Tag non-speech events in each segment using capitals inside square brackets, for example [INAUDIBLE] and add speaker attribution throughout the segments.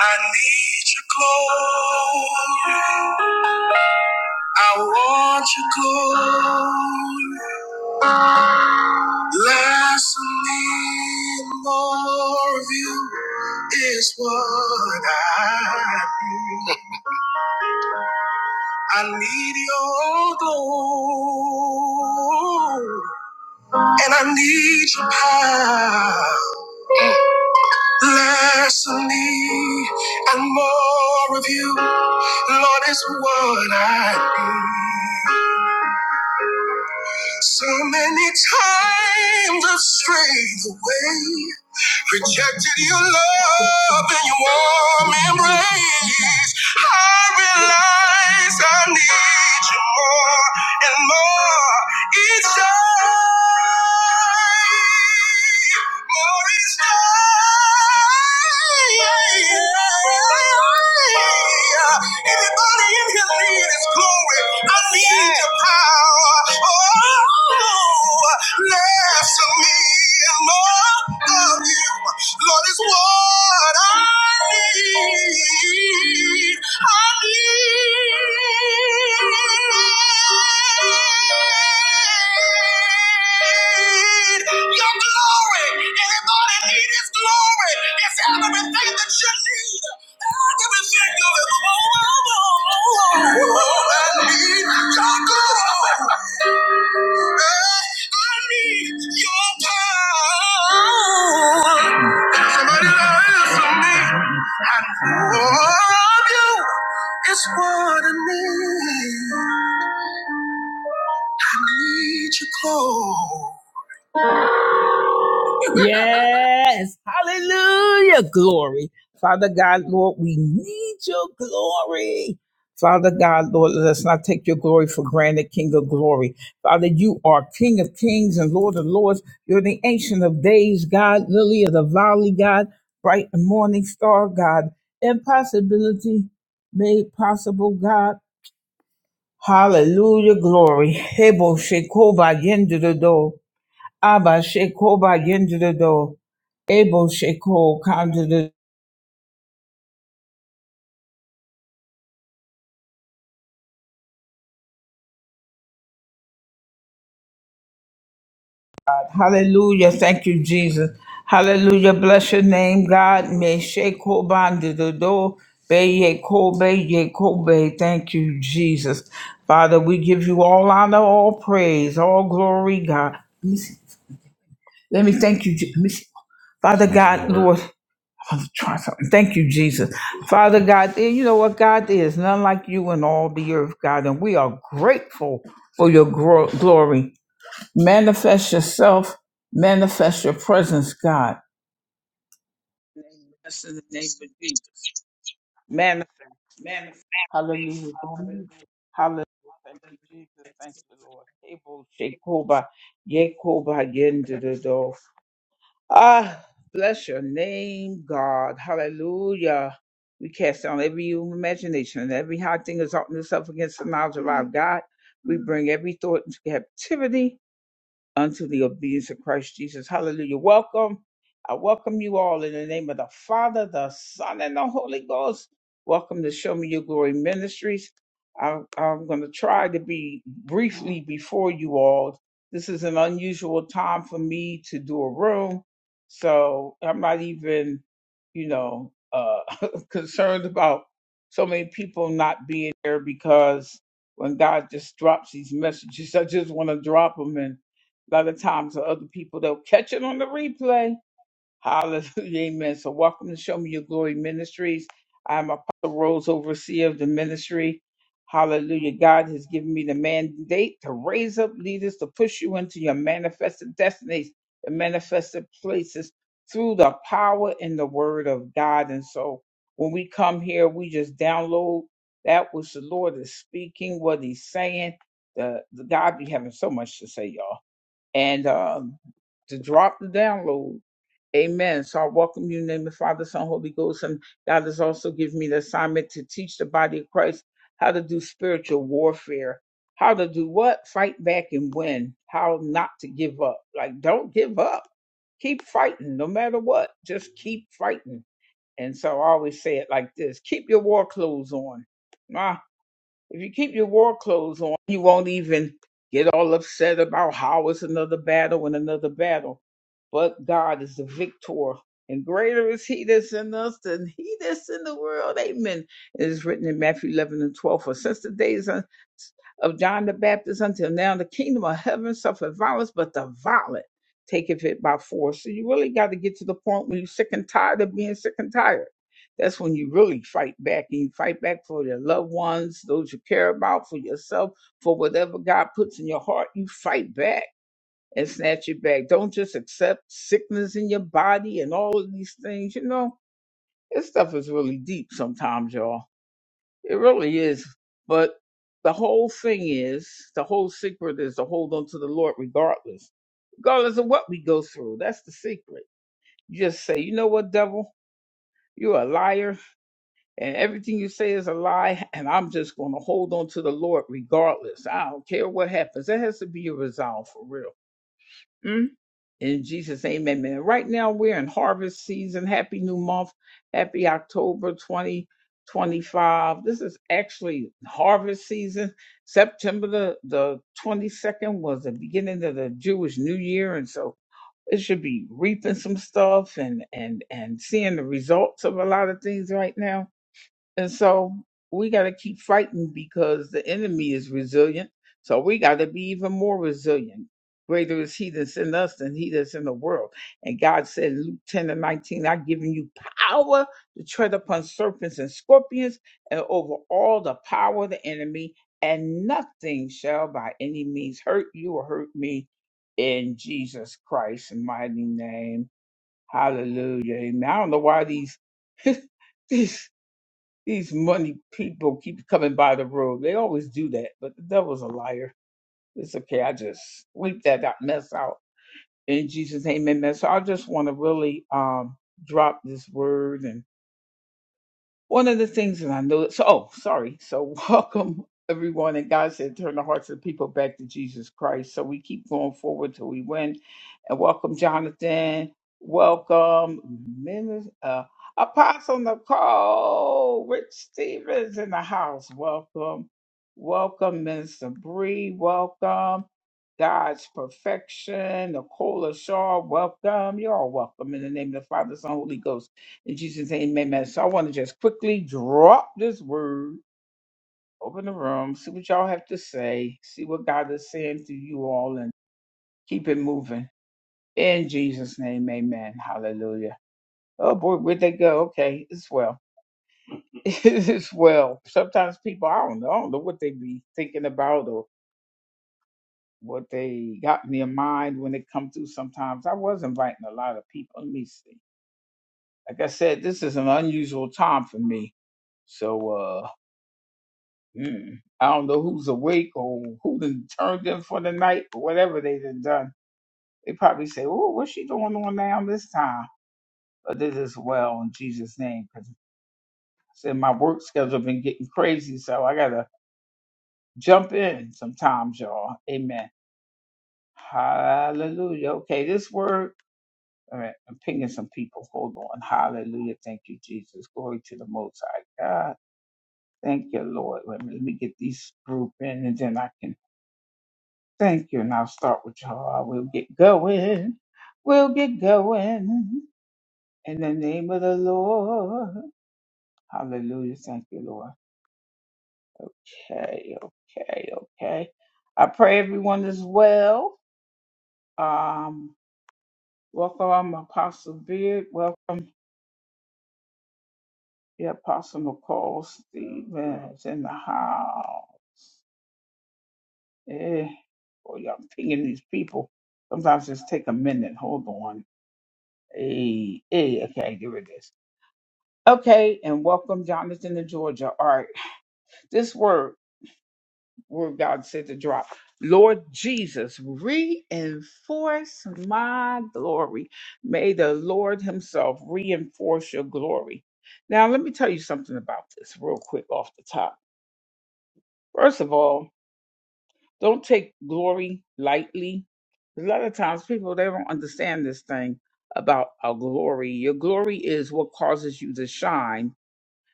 Speaker 1: I need your glory. I want your glory. Less of me, more of you is what I need. I need your glory. And I need your power. Less of me and more of you, Lord, is what I need. So many times I've strayed away, rejected your love and your warm embrace. I realize I need you more and more. Each day, Lord each day. Anybody in here need His glory? I need Your power. Oh, less of me and more of You, Lord, is what I. Your glory. Everybody need glory. It's everything that you need. Everything you ever want. Oh, I need Your glory. I need your power. Somebody listen to me. And of you is what I need. I need you close.
Speaker 2: us in the name of Jesus. Manifest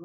Speaker 1: Mm.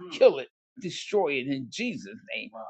Speaker 1: Mm. Wow.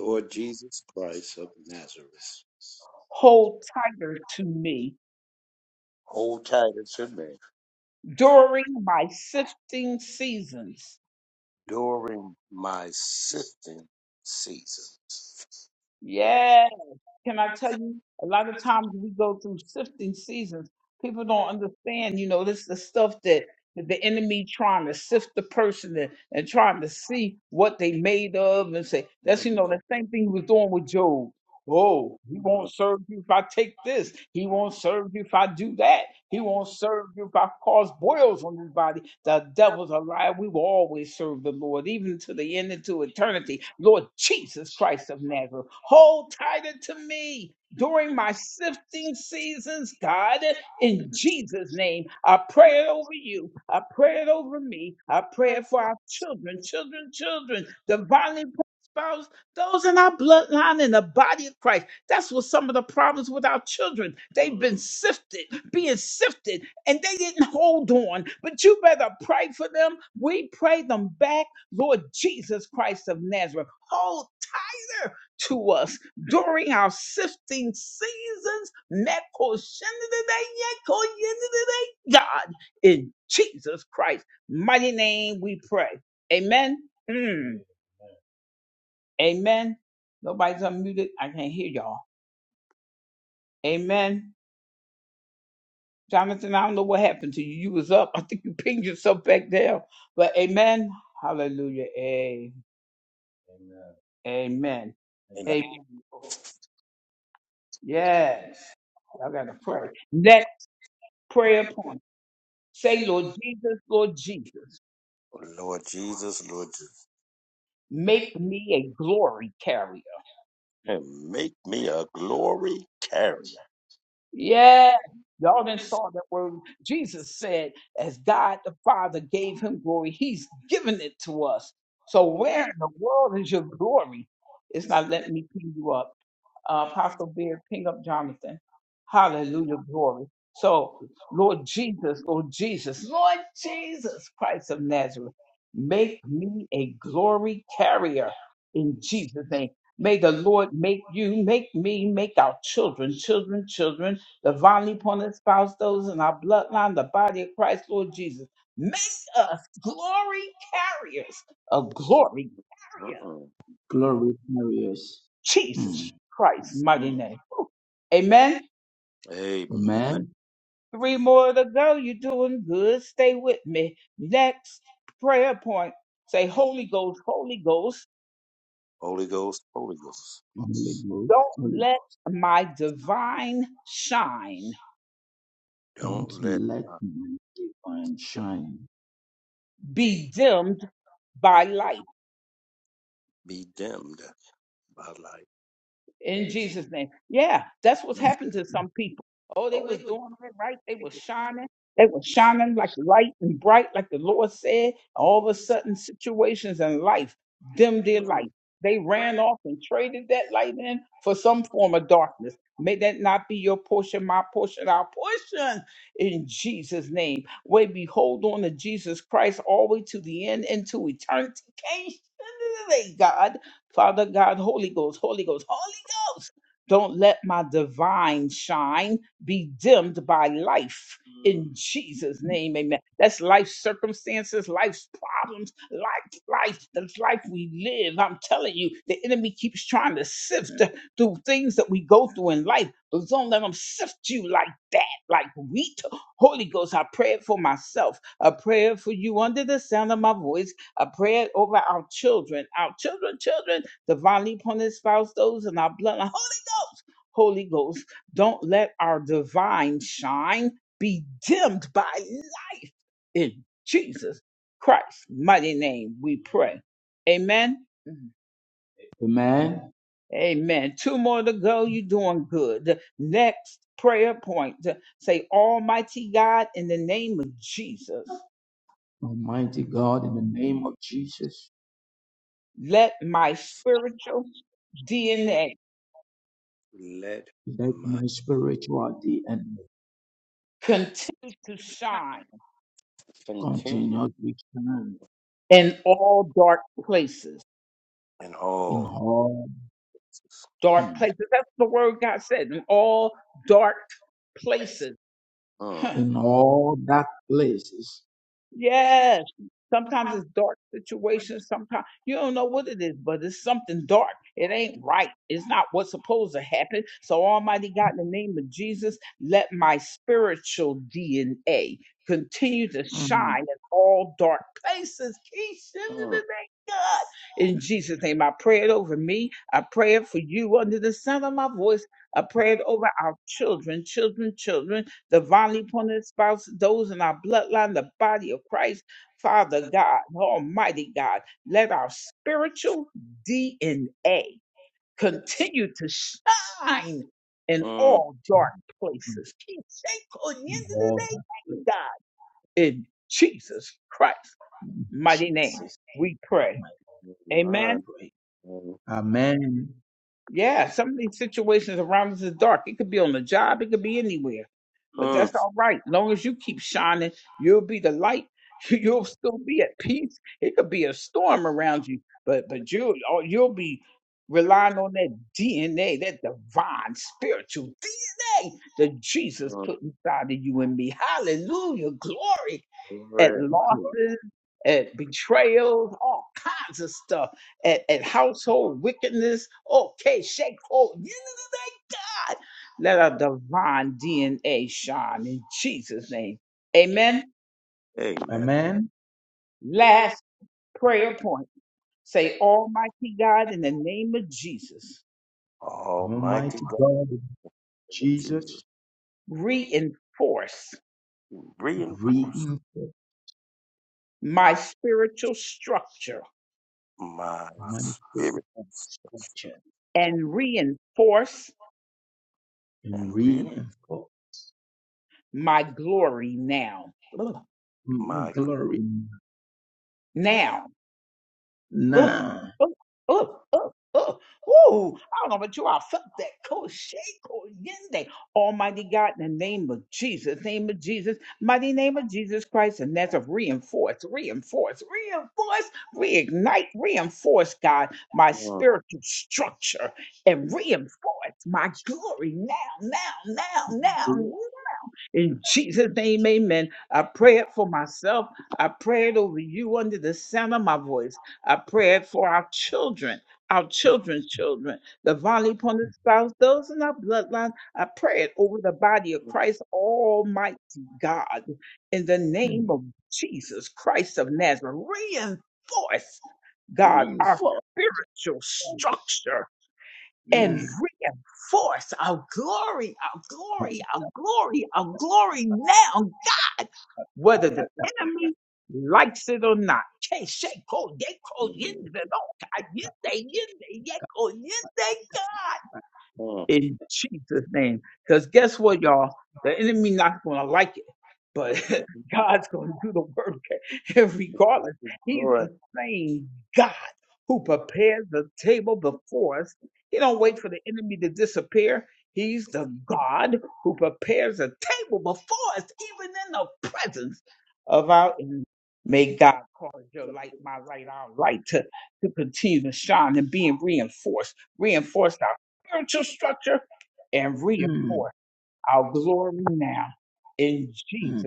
Speaker 2: Lord Jesus Christ of Nazareth, hold tight to me during during my sifting season. yeah, can I tell you by the time you put on the concept, the encouragement, you know, oh, you want- to you want- the- during your season. Amen.
Speaker 1: Amen. Amen.
Speaker 2: Lord Jesus, Lord Jesus, and make me a glory carrier. Mm-mm.
Speaker 3: Glory carriers. Mm.
Speaker 2: Amen. Amen.
Speaker 3: Amen.
Speaker 2: Three, Holy Ghost, Holy Ghost.
Speaker 3: Holy Ghost. Holy Ghost. Don't
Speaker 2: Don't let
Speaker 3: let my divine
Speaker 2: you
Speaker 3: shine.
Speaker 2: be be dimmed by light. in Jesus. Mm. Oh, they would they would shout, shout, Mm. ran
Speaker 3: Amen. Almighty God, in the name of Jesus,
Speaker 2: my soul in that Let
Speaker 3: let
Speaker 2: my
Speaker 3: my spirituality and
Speaker 2: continue to continue
Speaker 3: continue to shine
Speaker 2: in all in
Speaker 3: in
Speaker 2: all.
Speaker 3: all
Speaker 2: dark
Speaker 3: mm,
Speaker 2: places. Mm.
Speaker 3: in all that places.
Speaker 2: yeah, sometimes on my
Speaker 3: Mm,
Speaker 2: Mm. Mm,
Speaker 3: mm, In all that places. Jesus, my
Speaker 2: my,
Speaker 3: prayer.
Speaker 2: mm,
Speaker 3: Amen.
Speaker 1: Mm.
Speaker 2: mm, mm, right.
Speaker 3: God.
Speaker 2: Amen.
Speaker 3: Amen.
Speaker 2: Almighty
Speaker 3: Almighty
Speaker 2: God,
Speaker 3: God,
Speaker 2: in
Speaker 3: Jesus.
Speaker 2: Jesus, reinforce
Speaker 3: reinforce
Speaker 2: my
Speaker 3: my faith
Speaker 2: spirit
Speaker 3: and structure
Speaker 2: and
Speaker 3: and
Speaker 2: reinforce
Speaker 3: reinforce my
Speaker 2: my glory
Speaker 3: glory
Speaker 2: now.
Speaker 3: now.
Speaker 2: Yeah. Mm. Mm.
Speaker 3: Glo- Mm, Reinforce. Mm, Kapashata.
Speaker 2: Lord. Mm-hmm.
Speaker 3: mm, mm.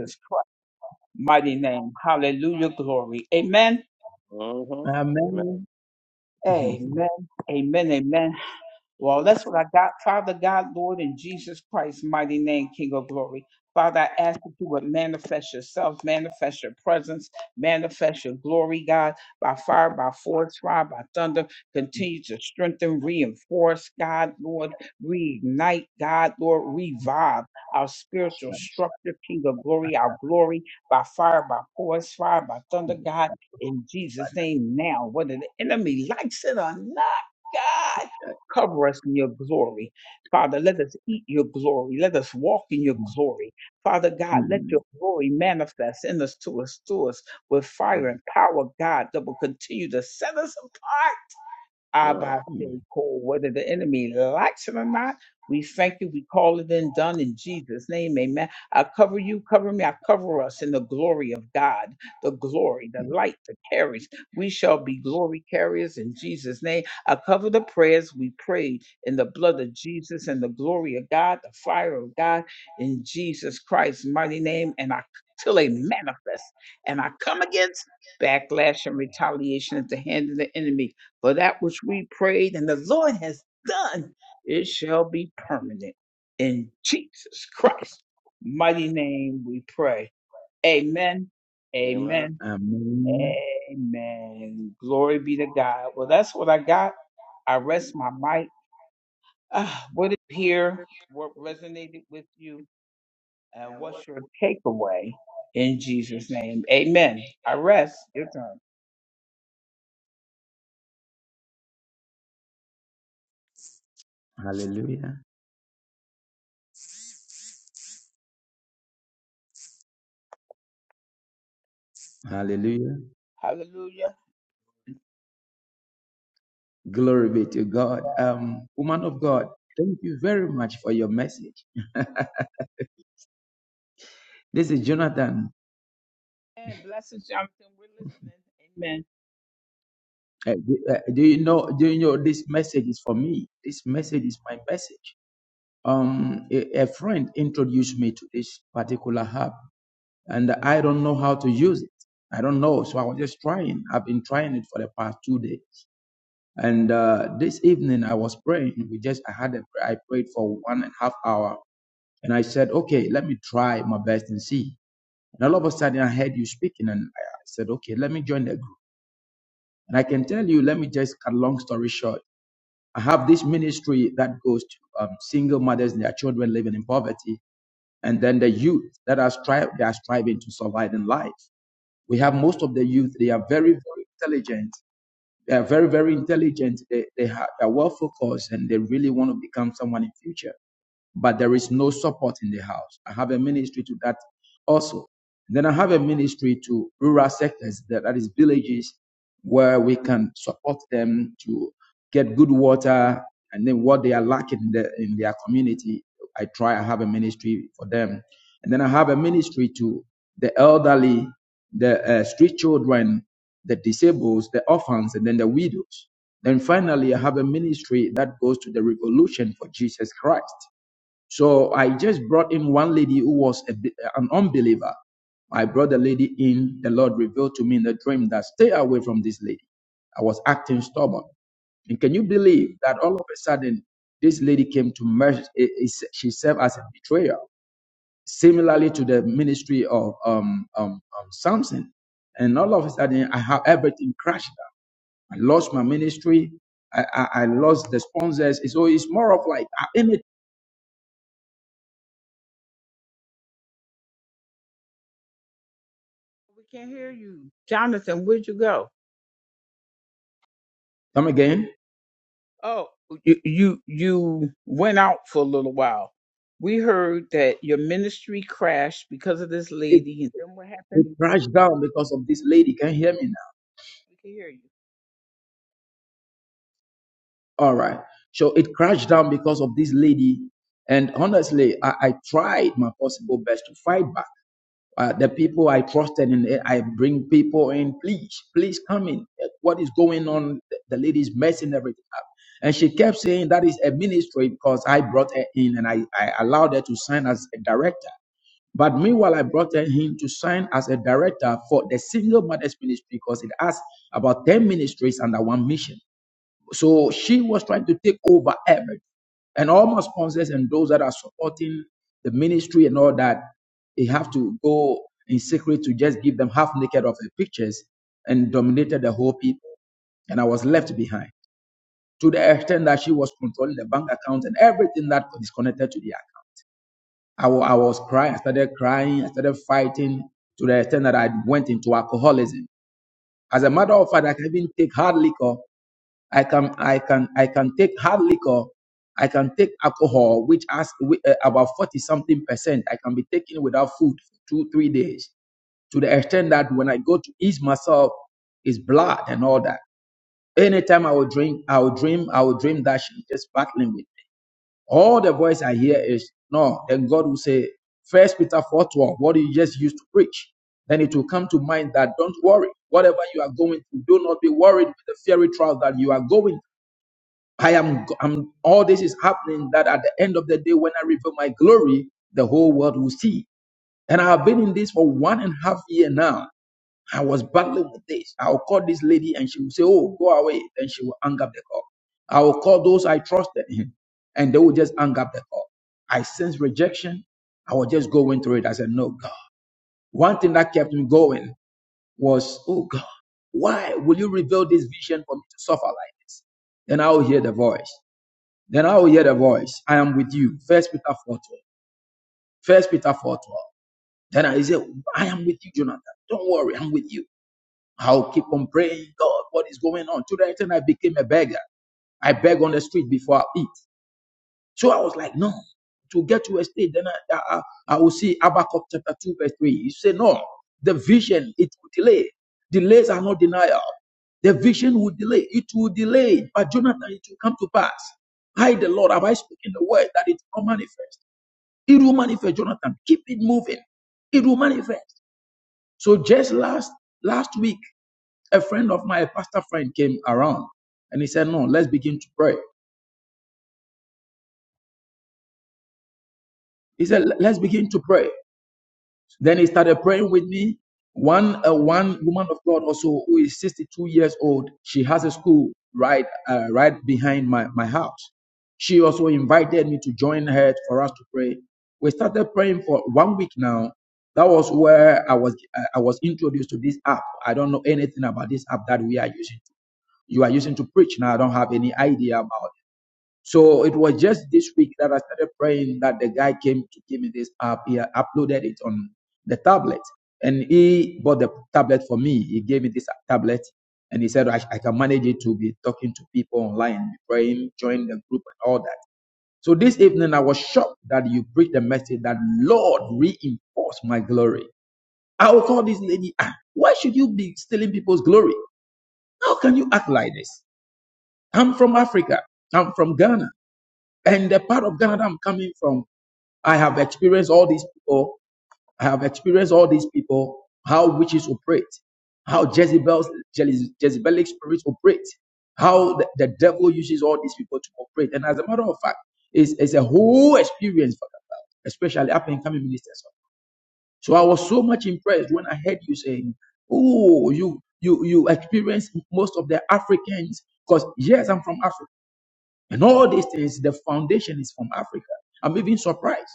Speaker 3: Amen. [LAUGHS] Shabbat. Mm, mm. mm.
Speaker 2: Amen. Mm. but feeling my backlash in Christ. Amen. Amen.
Speaker 3: Amen.
Speaker 2: And what the
Speaker 3: Hallelujah. Hallelujah. Glory be to God. Um, woman of God, thank you very much for your message. [LAUGHS] This is Jonathan Uh, do, uh, do you know? Do you know this message is for me? This message is my message. Um, a, a friend introduced me to this particular app, and I don't know how to use it. I don't know, so I was just trying. I've been trying it for the past two days, and uh, this evening I was praying. We just I had a, I prayed for one and a half hour, and I said, okay, let me try my best and see. And all of a sudden I heard you speaking, and I I said, okay, let me join the group. And I can tell you, let me just cut long story short. I have this ministry that goes to um, single mothers and their children living in poverty, and then the youth that are stri- they are striving to survive in life. We have most of the youth; they are very, very intelligent. They are very, very intelligent. They they, ha- they are well focused, and they really want to become someone in future but there is no support in the house. I have a ministry to that also. Then I have a ministry to rural sectors, that, that is villages, where we can support them to get good water and then what they are lacking in, the, in their community. I try, I have a ministry for them. And then I have a ministry to the elderly, the uh, street children, the disabled, the orphans, and then the widows. Then finally, I have a ministry that goes to the revolution for Jesus Christ so I just brought in one lady who was a, an unbeliever. I brought the lady in. The Lord revealed to me in the dream that stay away from this lady. I was acting stubborn. And can you believe that all of a sudden this lady came to merge? i- is- She served as a betrayer, similarly to the ministry of um, um, um, Samson. And all of a sudden, I have everything crashed. down. I lost my ministry. I, I, I lost the sponsors. So it's more of like I'm it. Come again. It crashed down because of this lady. Can you hear me now? All right. So it crashed down because of this lady. And honestly, I, I tried my possible best to fight back. Uh, the people I trusted and I bring people in. Please, please come in. Eh, What is going on? The the lady's messing everything up. And she kept saying that is a ministry because I brought her in and I, I allowed her to sign as a director. But meanwhile, I brought him to sign as a director for the single mothers ministry because it has about 10 ministries under one mission. So she was trying to take over everything. And all my sponsors and those that are supporting the ministry and all that, they have to go in secret to just give them half naked of her pictures and dominated the whole people. And I was left behind to the extent that she was controlling the bank account and everything that is connected to the I w- I was crying. I started crying. I started fighting to the extent that I went into alcoholism. As a matter of fact, I can even take hard liquor. I can, I can, I can take hard liquor. I can take alcohol, which has whi- uh, about 40 something percent. I can be taking without food for two, three days to the extent that when I go to ease myself, it's blood and all that. Anytime I would drink, I would dream, I would dream that she's just battling with. me. All the voice I hear is no. Then God will say, First Peter four twelve. What you just used to preach. Then it will come to mind that don't worry. Whatever you are going through, do not be worried with the fiery trial that you are going. I am. I'm, all this is happening. That at the end of the day, when I reveal my glory, the whole world will see. And I have been in this for one and a half year now. I was battling with this. I will call this lady and she will say, Oh, go away. Then she will hang up the call. I will call those I trusted in and they will just hang up the call. I sense rejection. I was just going through it. I said, No, God. One thing that kept me going was, Oh, God, why will you reveal this vision for me to suffer like this? Then I will hear the voice. Then I will hear the voice. I am with you. First Peter 4 12. First Peter 4 12. Then I say, I am with you, Jonathan. Don't worry, I'm with you. I'll keep on praying, God, what is going on? To the extent I became a beggar. I beg on the street before I eat. So I was like, no, to get to a state, then I, I, I will see Habakkuk chapter 2, verse 3. You say, no, the vision, it will delay. Delays are not denial. The vision will delay. It will delay. But Jonathan, it will come to pass. I, the Lord, have I spoken the word that it will manifest. It will manifest, Jonathan. Keep it moving. It will manifest. So just last last week, a friend of mine, a pastor friend, came around and he said, No, let's begin to pray. He said, Let's begin to pray. Then he started praying with me. One uh, one woman of God also who is 62 years old, she has a school right uh, right behind my, my house. She also invited me to join her for us to pray. We started praying for one week now. That was where I was uh, I was introduced to this app. I don't know anything about this app that we are using. You are using to preach now. I don't have any idea about So it was just this week that I started praying that the guy came to give me this app. He uploaded it on the tablet and he bought the tablet for me. He gave me this tablet and he said, I, I can manage it to be talking to people online, praying, join the group and all that. So this evening I was shocked that you preached the message that Lord reinforce my glory. I will call this lady, ah, why should you be stealing people's glory? How can you act like this? I'm from Africa. I'm from Ghana. And the part of Ghana that I'm coming from, I have experienced all these people. I have experienced all these people, how witches operate, how Jezebel's, Jeze- Jezebelic spirits operate, how the, the devil uses all these people to operate. And as a matter of fact, it's, it's a whole experience for them, especially up and coming ministers. So I was so much impressed when I heard you saying, Oh, you you you experience most of the Africans, because yes, I'm from Africa. And all these things, the foundation is from Africa. I'm even surprised.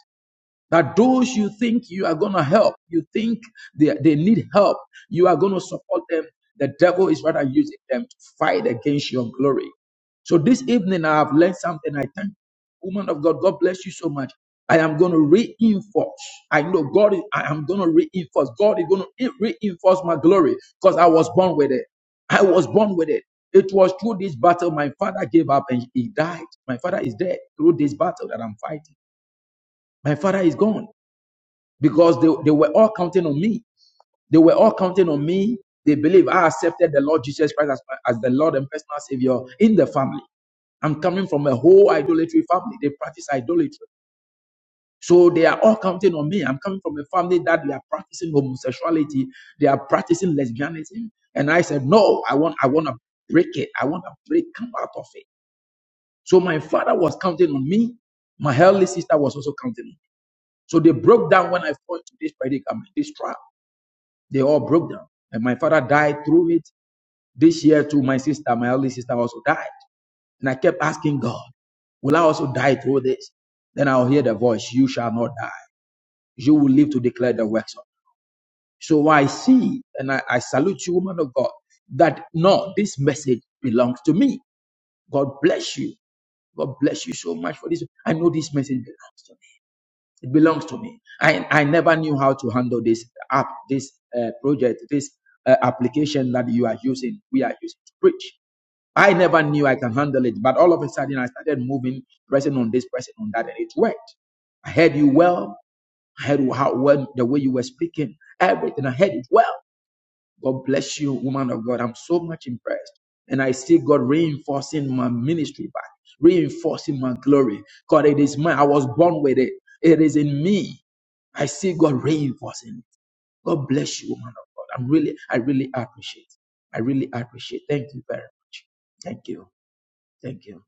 Speaker 3: That those you think you are going to help, you think they, they need help, you are going to support them. The devil is rather using them to fight against your glory. So this evening, I have learned something. I thank you, woman of God. God bless you so much. I am going to reinforce. I know God. Is, I am going to reinforce. God is going to reinforce my glory because I was born with it. I was born with it. It was through this battle my father gave up and he died. My father is dead through this battle that I'm fighting. My father is gone because they, they were all counting on me. They were all counting on me. They believe I accepted the Lord Jesus Christ as, as the Lord and personal Savior in the family. I'm coming from a whole idolatry family. They practice idolatry. So they are all counting on me. I'm coming from a family that they are practicing homosexuality. They are practicing lesbianism. And I said, no, I want, I want to break it. I want to break, come out of it. So my father was counting on me. My elder sister was also counting on me. So they broke down when I fell into this predicament, this trial. They all broke down. And my father died through it. This year, too, my sister, my only sister, also died. And I kept asking God, Will I also die through this? Then I'll hear the voice, You shall not die. You will live to declare the works of. So I see, and I, I salute you, woman of God, that no, this message belongs to me. God bless you. God bless you so much for this. I know this message belongs to me. It belongs to me. I, I never knew how to handle this app, this uh, project, this uh, application that you are using, we are using to preach. I never knew I can handle it, but all of a sudden I started moving, pressing on this, pressing on that, and it worked. I heard you well. I heard how well the way you were speaking, everything. I heard it well. God bless you, woman of God. I'm so much impressed. And I see God reinforcing my ministry back, reinforcing my glory. God, it is mine. I was born with it. It is in me. I see God reinforcing it. God bless you, woman of God. I'm really, I really appreciate. it. I really appreciate. it. Thank you very much. Thank you. Thank you.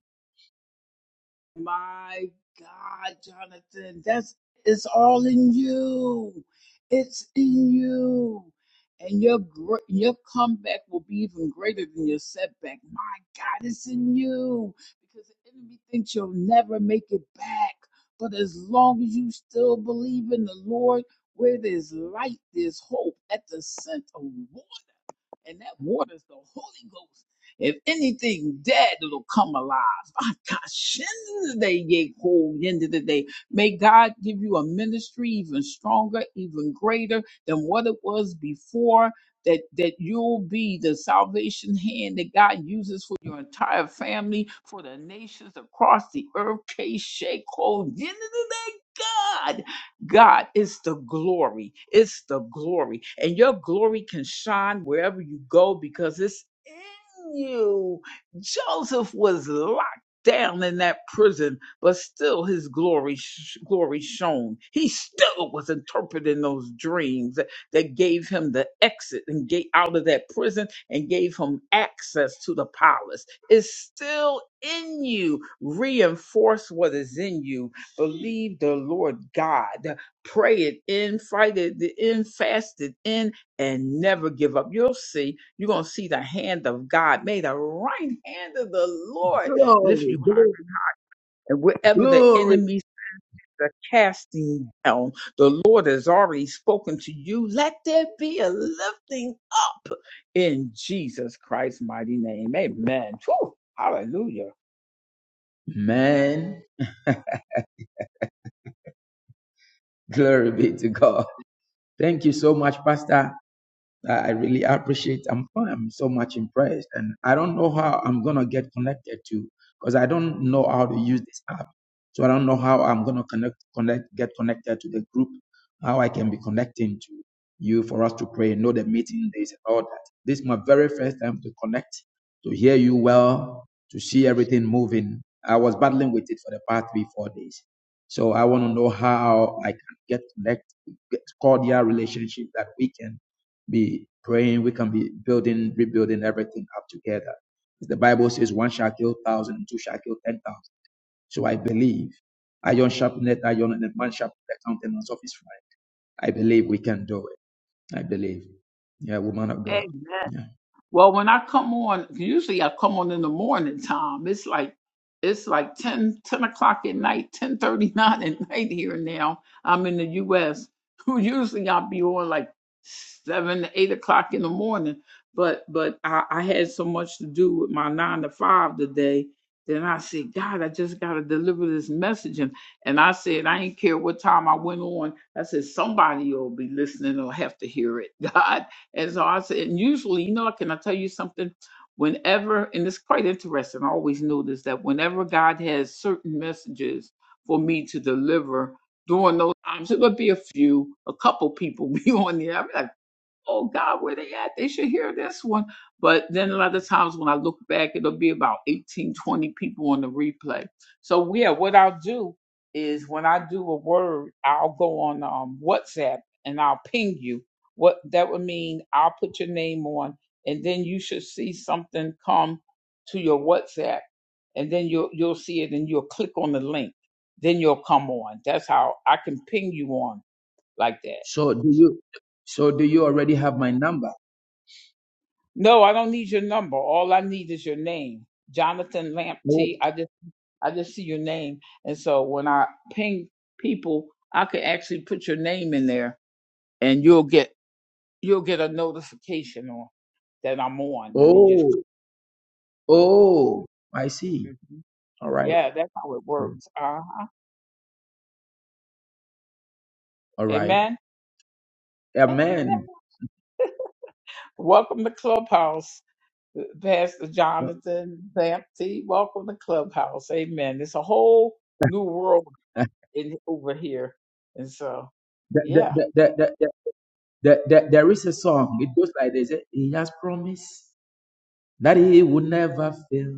Speaker 3: Glory, glory, glory. Man, glory be to God. Thank you so much, Pastor. I I really appreciate. I'm I'm so much impressed, and I don't know how I'm gonna get connected to because I don't know how to use this app. So I don't know how I'm gonna connect, connect, get connected to the group. How I can be connecting to you for us to pray, know the meeting days and all that. This is my very first time to connect, to hear you well, to see everything moving. I was battling with it for the past three, four days. So I want to know how I can get connect, get cordial relationship that we can be praying. We can be building, rebuilding everything up together. The Bible says one shall kill thousand, and two shall kill ten thousand. So I believe iron sharpeneth iron, and a man sharpeneth the countenance of his friend. I believe we can do it. I believe. Yeah, woman of God. Yeah. So do you? So do you already have my number? Oh, oh, oh! I see. All right. All right. Amen. [LAUGHS] The, the, the, the, There, there, there is a song. It goes like this. eh, He has promised that he will never fail.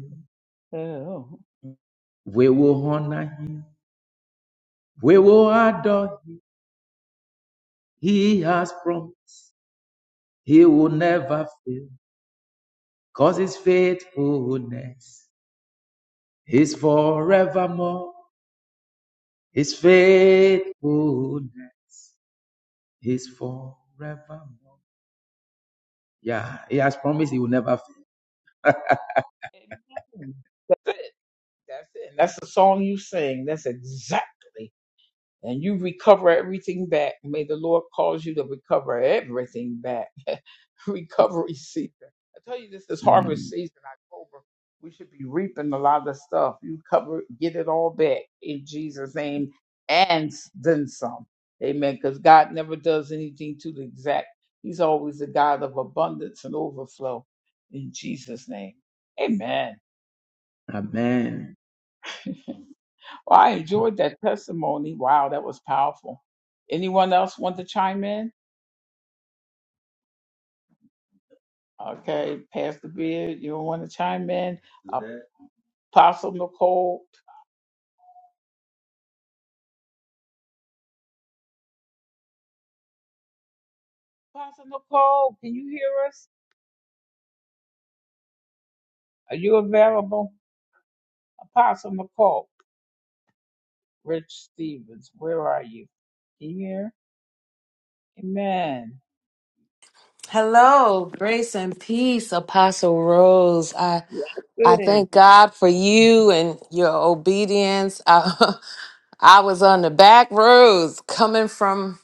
Speaker 3: We will honor him. We will adore him. He has promised he will never fail. Cause his faithfulness is forevermore. His faithfulness is forevermore. Yeah, he has promised he will never fail. Mm, Amen.
Speaker 4: Hello, grace and peace, Apostle Rose. I I thank God for you and your obedience. I, [LAUGHS] I was on the back roads coming from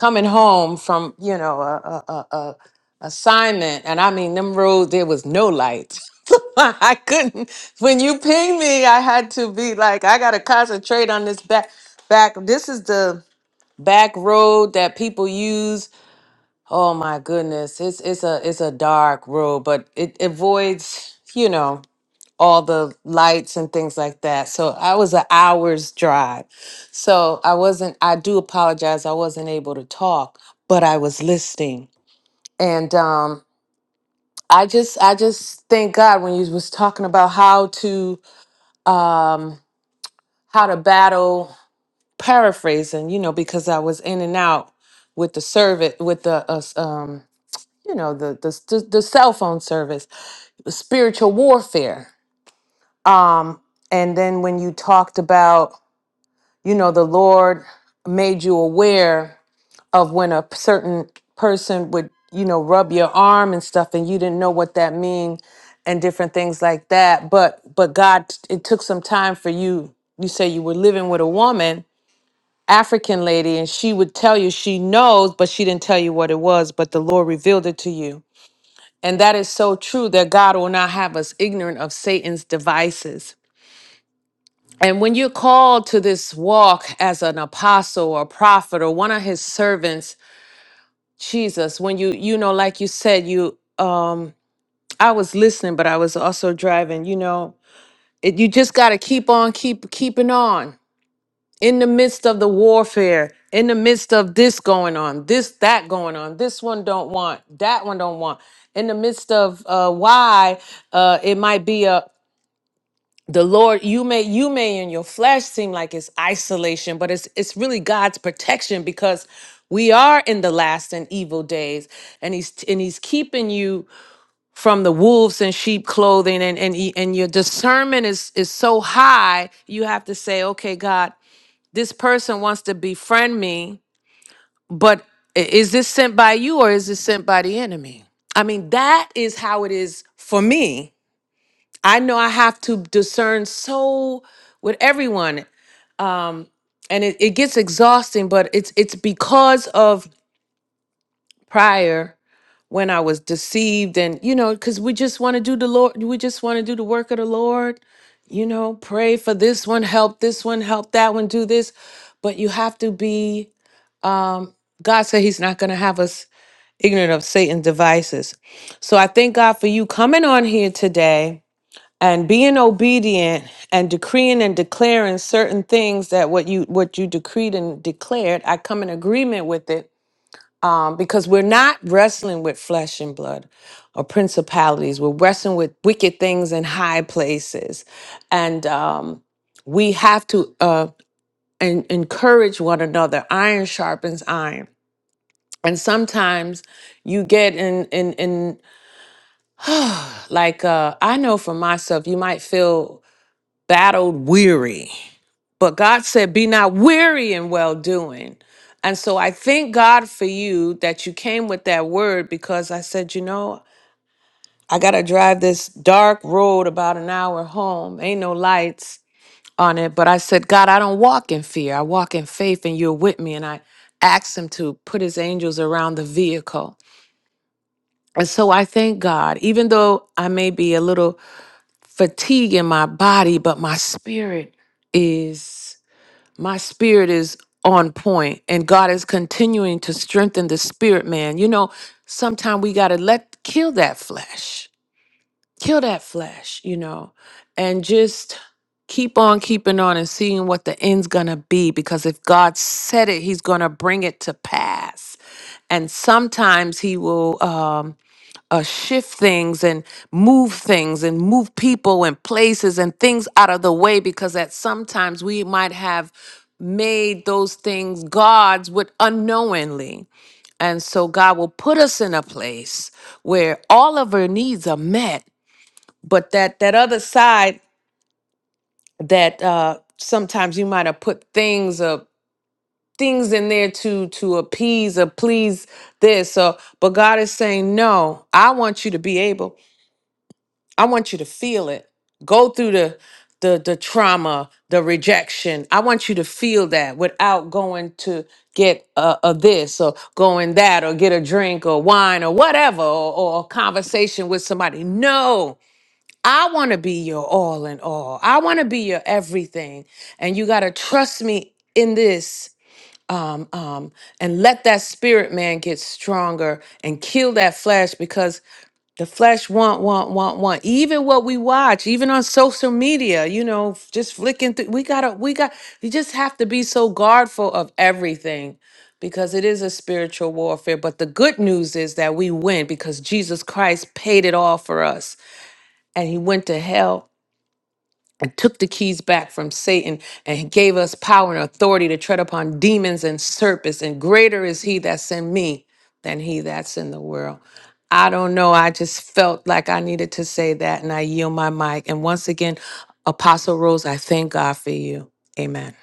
Speaker 4: coming home from you know a, a, a, a assignment, and I mean them roads there was no light. [LAUGHS] I couldn't. When you pinged me, I had to be like, I gotta concentrate on this back back. This is the back road that people use Oh my goodness, it's it's a it's a dark road, but it avoids you know all the lights and things like that. So I was an hour's drive, so I wasn't. I do apologize, I wasn't able to talk, but I was listening, and um, I just I just thank God when you was talking about how to um how to battle paraphrasing, you know, because I was in and out with the servant with the uh, um you know the the the, the cell phone service, spiritual warfare. Um, and then when you talked about you know the Lord made you aware of when a certain person would you know rub your arm and stuff, and you didn't know what that mean and different things like that. But but God, it took some time for you. You say you were living with a woman. African lady, and she would tell you she knows, but she didn't tell you what it was. But the Lord revealed it to you and that is so true that God will not have us ignorant of Satan's devices. And when you're called to this walk as an apostle or prophet or one of his servants, Jesus, when you, you know, like you said, you, um, I was listening, but I was also driving, you know, it, you just got to keep on, keep, keeping on in the midst of the warfare, in the midst of this going on, this, that going on, this one don't want, that one don't want, in the midst of uh, why uh, it might be a, the lord you may you may in your flesh seem like it's isolation but it's it's really god's protection because we are in the last and evil days and he's and he's keeping you from the wolves in sheep clothing and and he- and your discernment is is so high you have to say okay god this person wants to befriend me but i- is this sent by you or is this sent by the enemy i mean that is how it is for me I know I have to discern so with everyone. Um, and it, it gets exhausting, but it's it's because of prior when I was deceived and you know, because we just want to do the Lord, we just want to do the work of the Lord, you know, pray for this one, help this one, help that one, do this. But you have to be um God said he's not gonna have us ignorant of Satan's devices. So I thank God for you coming on here today and being obedient and decreeing and declaring certain things that what you what you decreed and declared i come in agreement with it um, because we're not wrestling with flesh and blood or principalities we're wrestling with wicked things in high places and um, we have to uh, en- encourage one another iron sharpens iron and sometimes you get in in in [SIGHS] like uh i know for myself you might feel battled weary. But God said, Be not weary in well doing. And so I thank God for you that you came with that word because I said, You know, I got to drive this dark road about an hour home. Ain't no lights on it. But I said, God, I don't walk in fear. I walk in faith and you're with me. And I asked him to put his angels around the vehicle. And so I thank God, even though I may be a little fatigued in my body, but my spirit is. my spirit is on point and God is continuing to strengthen the spirit man. You know, sometimes we got to let kill that flesh. Kill that flesh, you know, and just keep on keeping on and seeing what the end's going to be because if God said it, he's going to bring it to pass. And sometimes he will um, uh, shift things and move things and move people and places and things out of the way because at sometimes we might have made those things gods with unknowingly and so god will put us in a place where all of our needs are met but that that other side that uh sometimes you might have put things or things in there to to appease or please this or but god is saying no i want you to be able I want you to feel it. Go through the the the trauma, the rejection. I want you to feel that without going to get a, a this or going that or get a drink or wine or whatever or, or a conversation with somebody. No. I want to be your all in all. I want to be your everything. And you got to trust me in this um um and let that spirit man get stronger and kill that flesh because the flesh want, want, want, want. Even what we watch, even on social media, you know, f- just flicking through. We gotta, we got, you just have to be so guardful of everything because it is a spiritual warfare. But the good news is that we win because Jesus Christ paid it all for us and he went to hell and took the keys back from Satan and gave us power and authority to tread upon demons and serpents. And greater is he that's in me than he that's in the world. I don't know. I just felt like I needed to say that and I yield my mic. And once again, Apostle Rose, I thank God for you. Amen.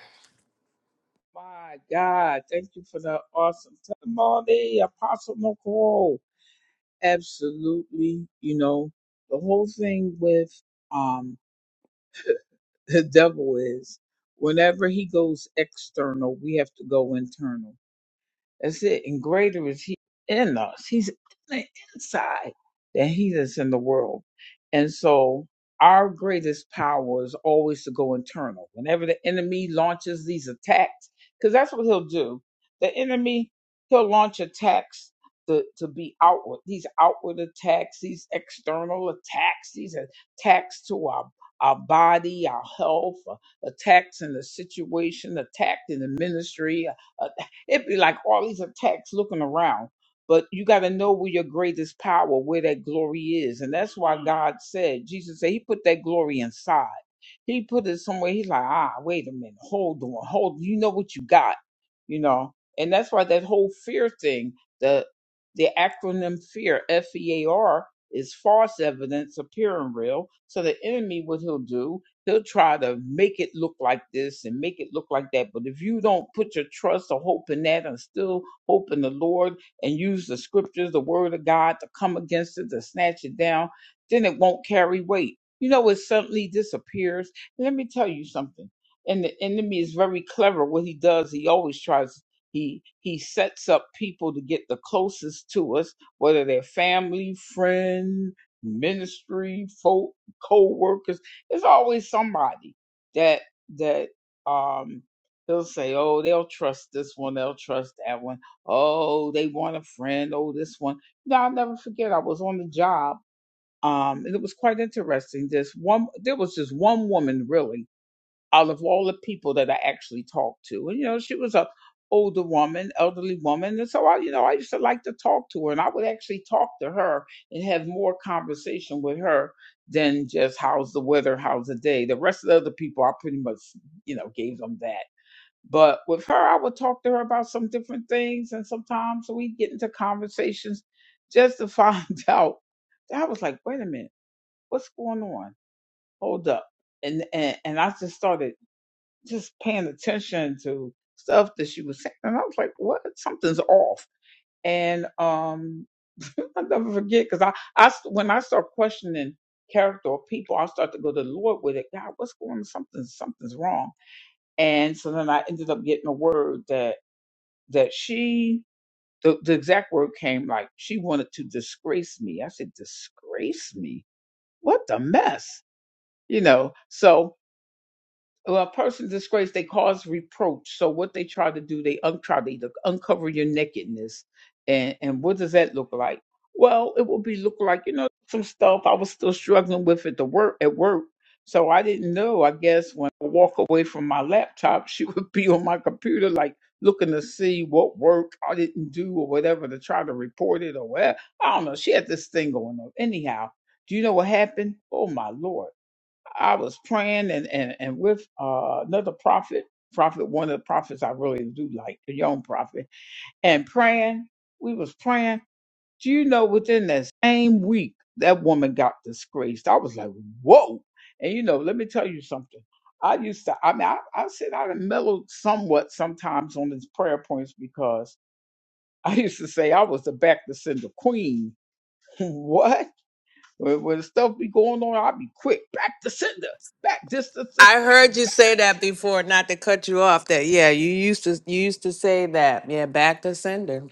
Speaker 4: I heard you say that before, not to cut you off. That yeah, you used to you used to say that. Yeah, back to sender.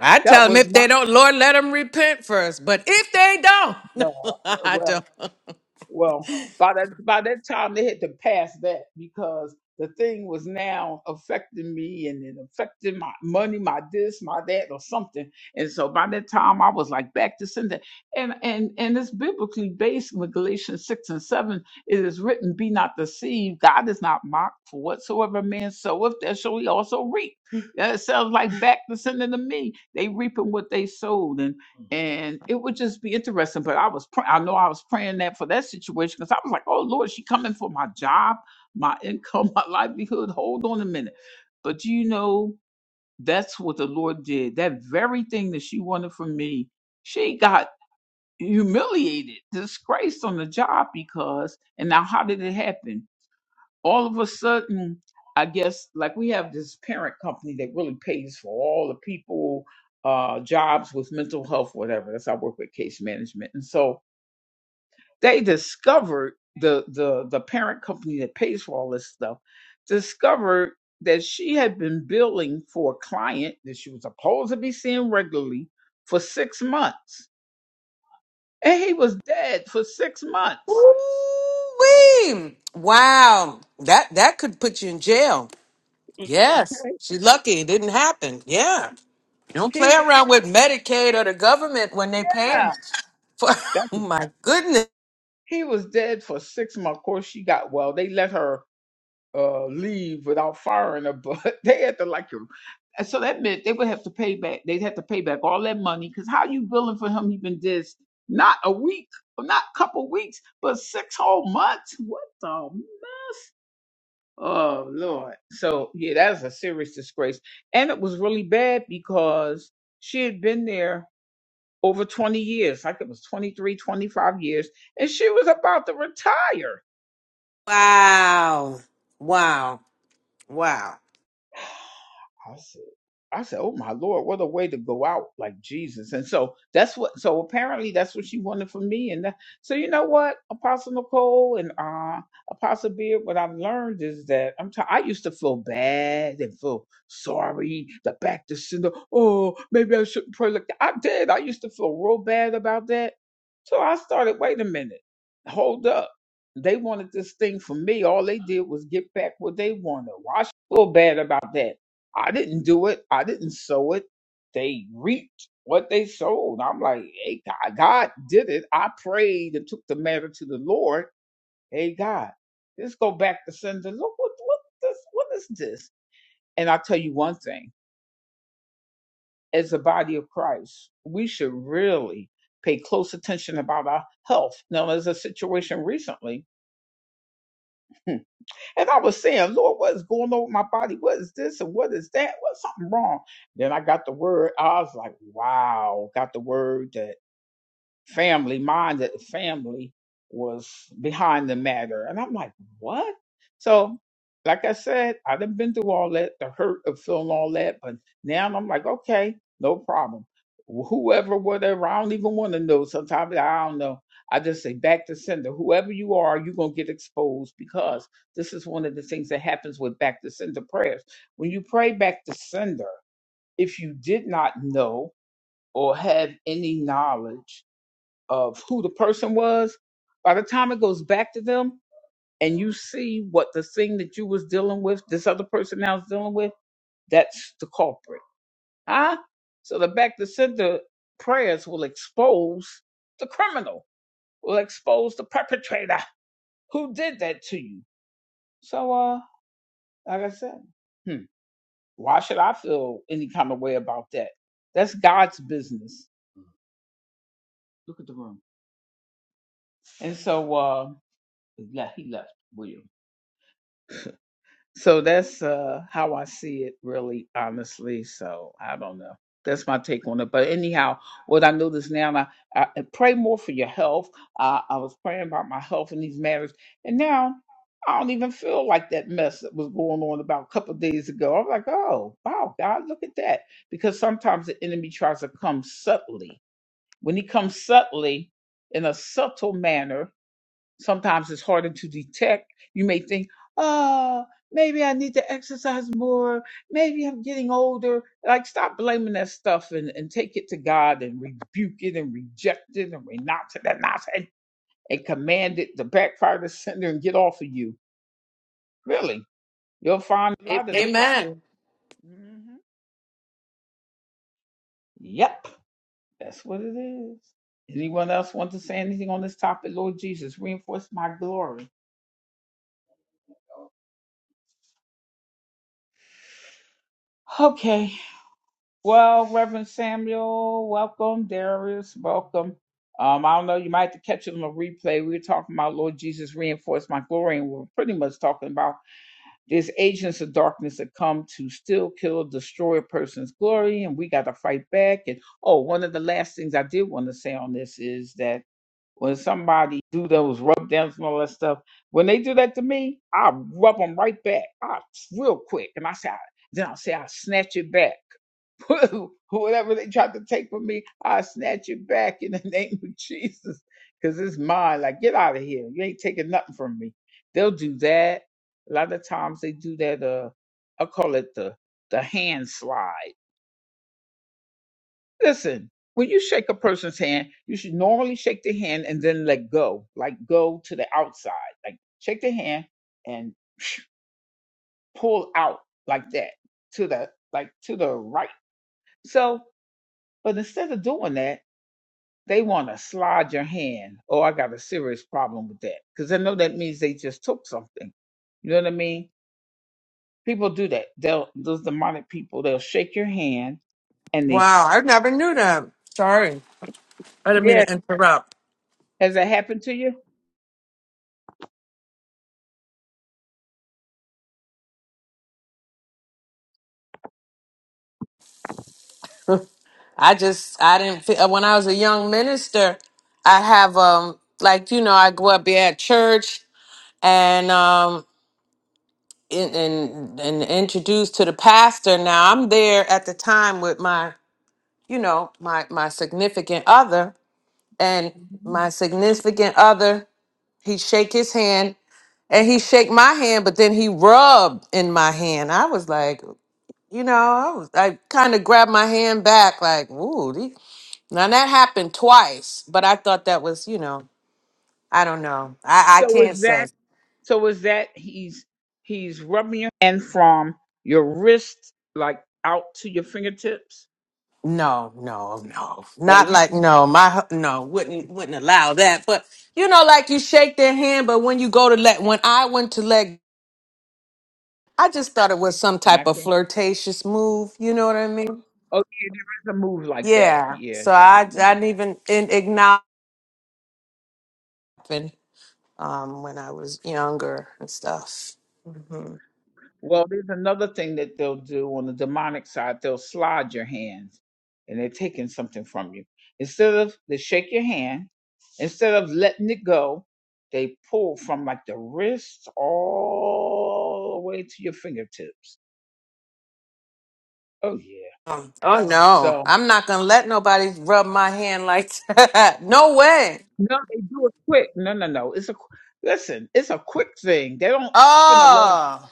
Speaker 4: I tell them if they don't, Lord, let them repent first. But if they don't, [LAUGHS] no, I don't. Ooh-wee. Wow, that that could put you in jail. Yes, she's lucky it didn't happen. Yeah, don't play around with Medicaid or the government when they paying for. [LAUGHS] Oh my goodness! Wow, wow, wow. A- Amen. Wow, I never knew that. Sorry, I didn't mean to interrupt. I just I didn't feel uh, when I was a young minister. I have um like you know I grew up here at church and um and and, and introduced to the pastor. Now I'm there at the time with my you know my my significant other and my significant other. He shake his hand and he shake my hand, but then he rubbed in my hand. I was like, you know, I was I kind of grabbed my hand back, like, ooh, these. now that happened twice, but I thought that was, you know, I don't know. I, I can't say. No, no, no. Not like no, my hu- no, wouldn't wouldn't allow that. But you know, like you shake their hand, but when you go to let when I went to let I just thought it was some type of flirtatious move, you know what I mean? Yeah. So I I didn't even in acknowledge um when I was younger and stuff. Mm-hmm. Um, Oh no, I'm not gonna let nobody rub my hand like that. [LAUGHS] No way. Oh,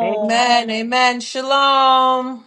Speaker 4: amen, amen, shalom.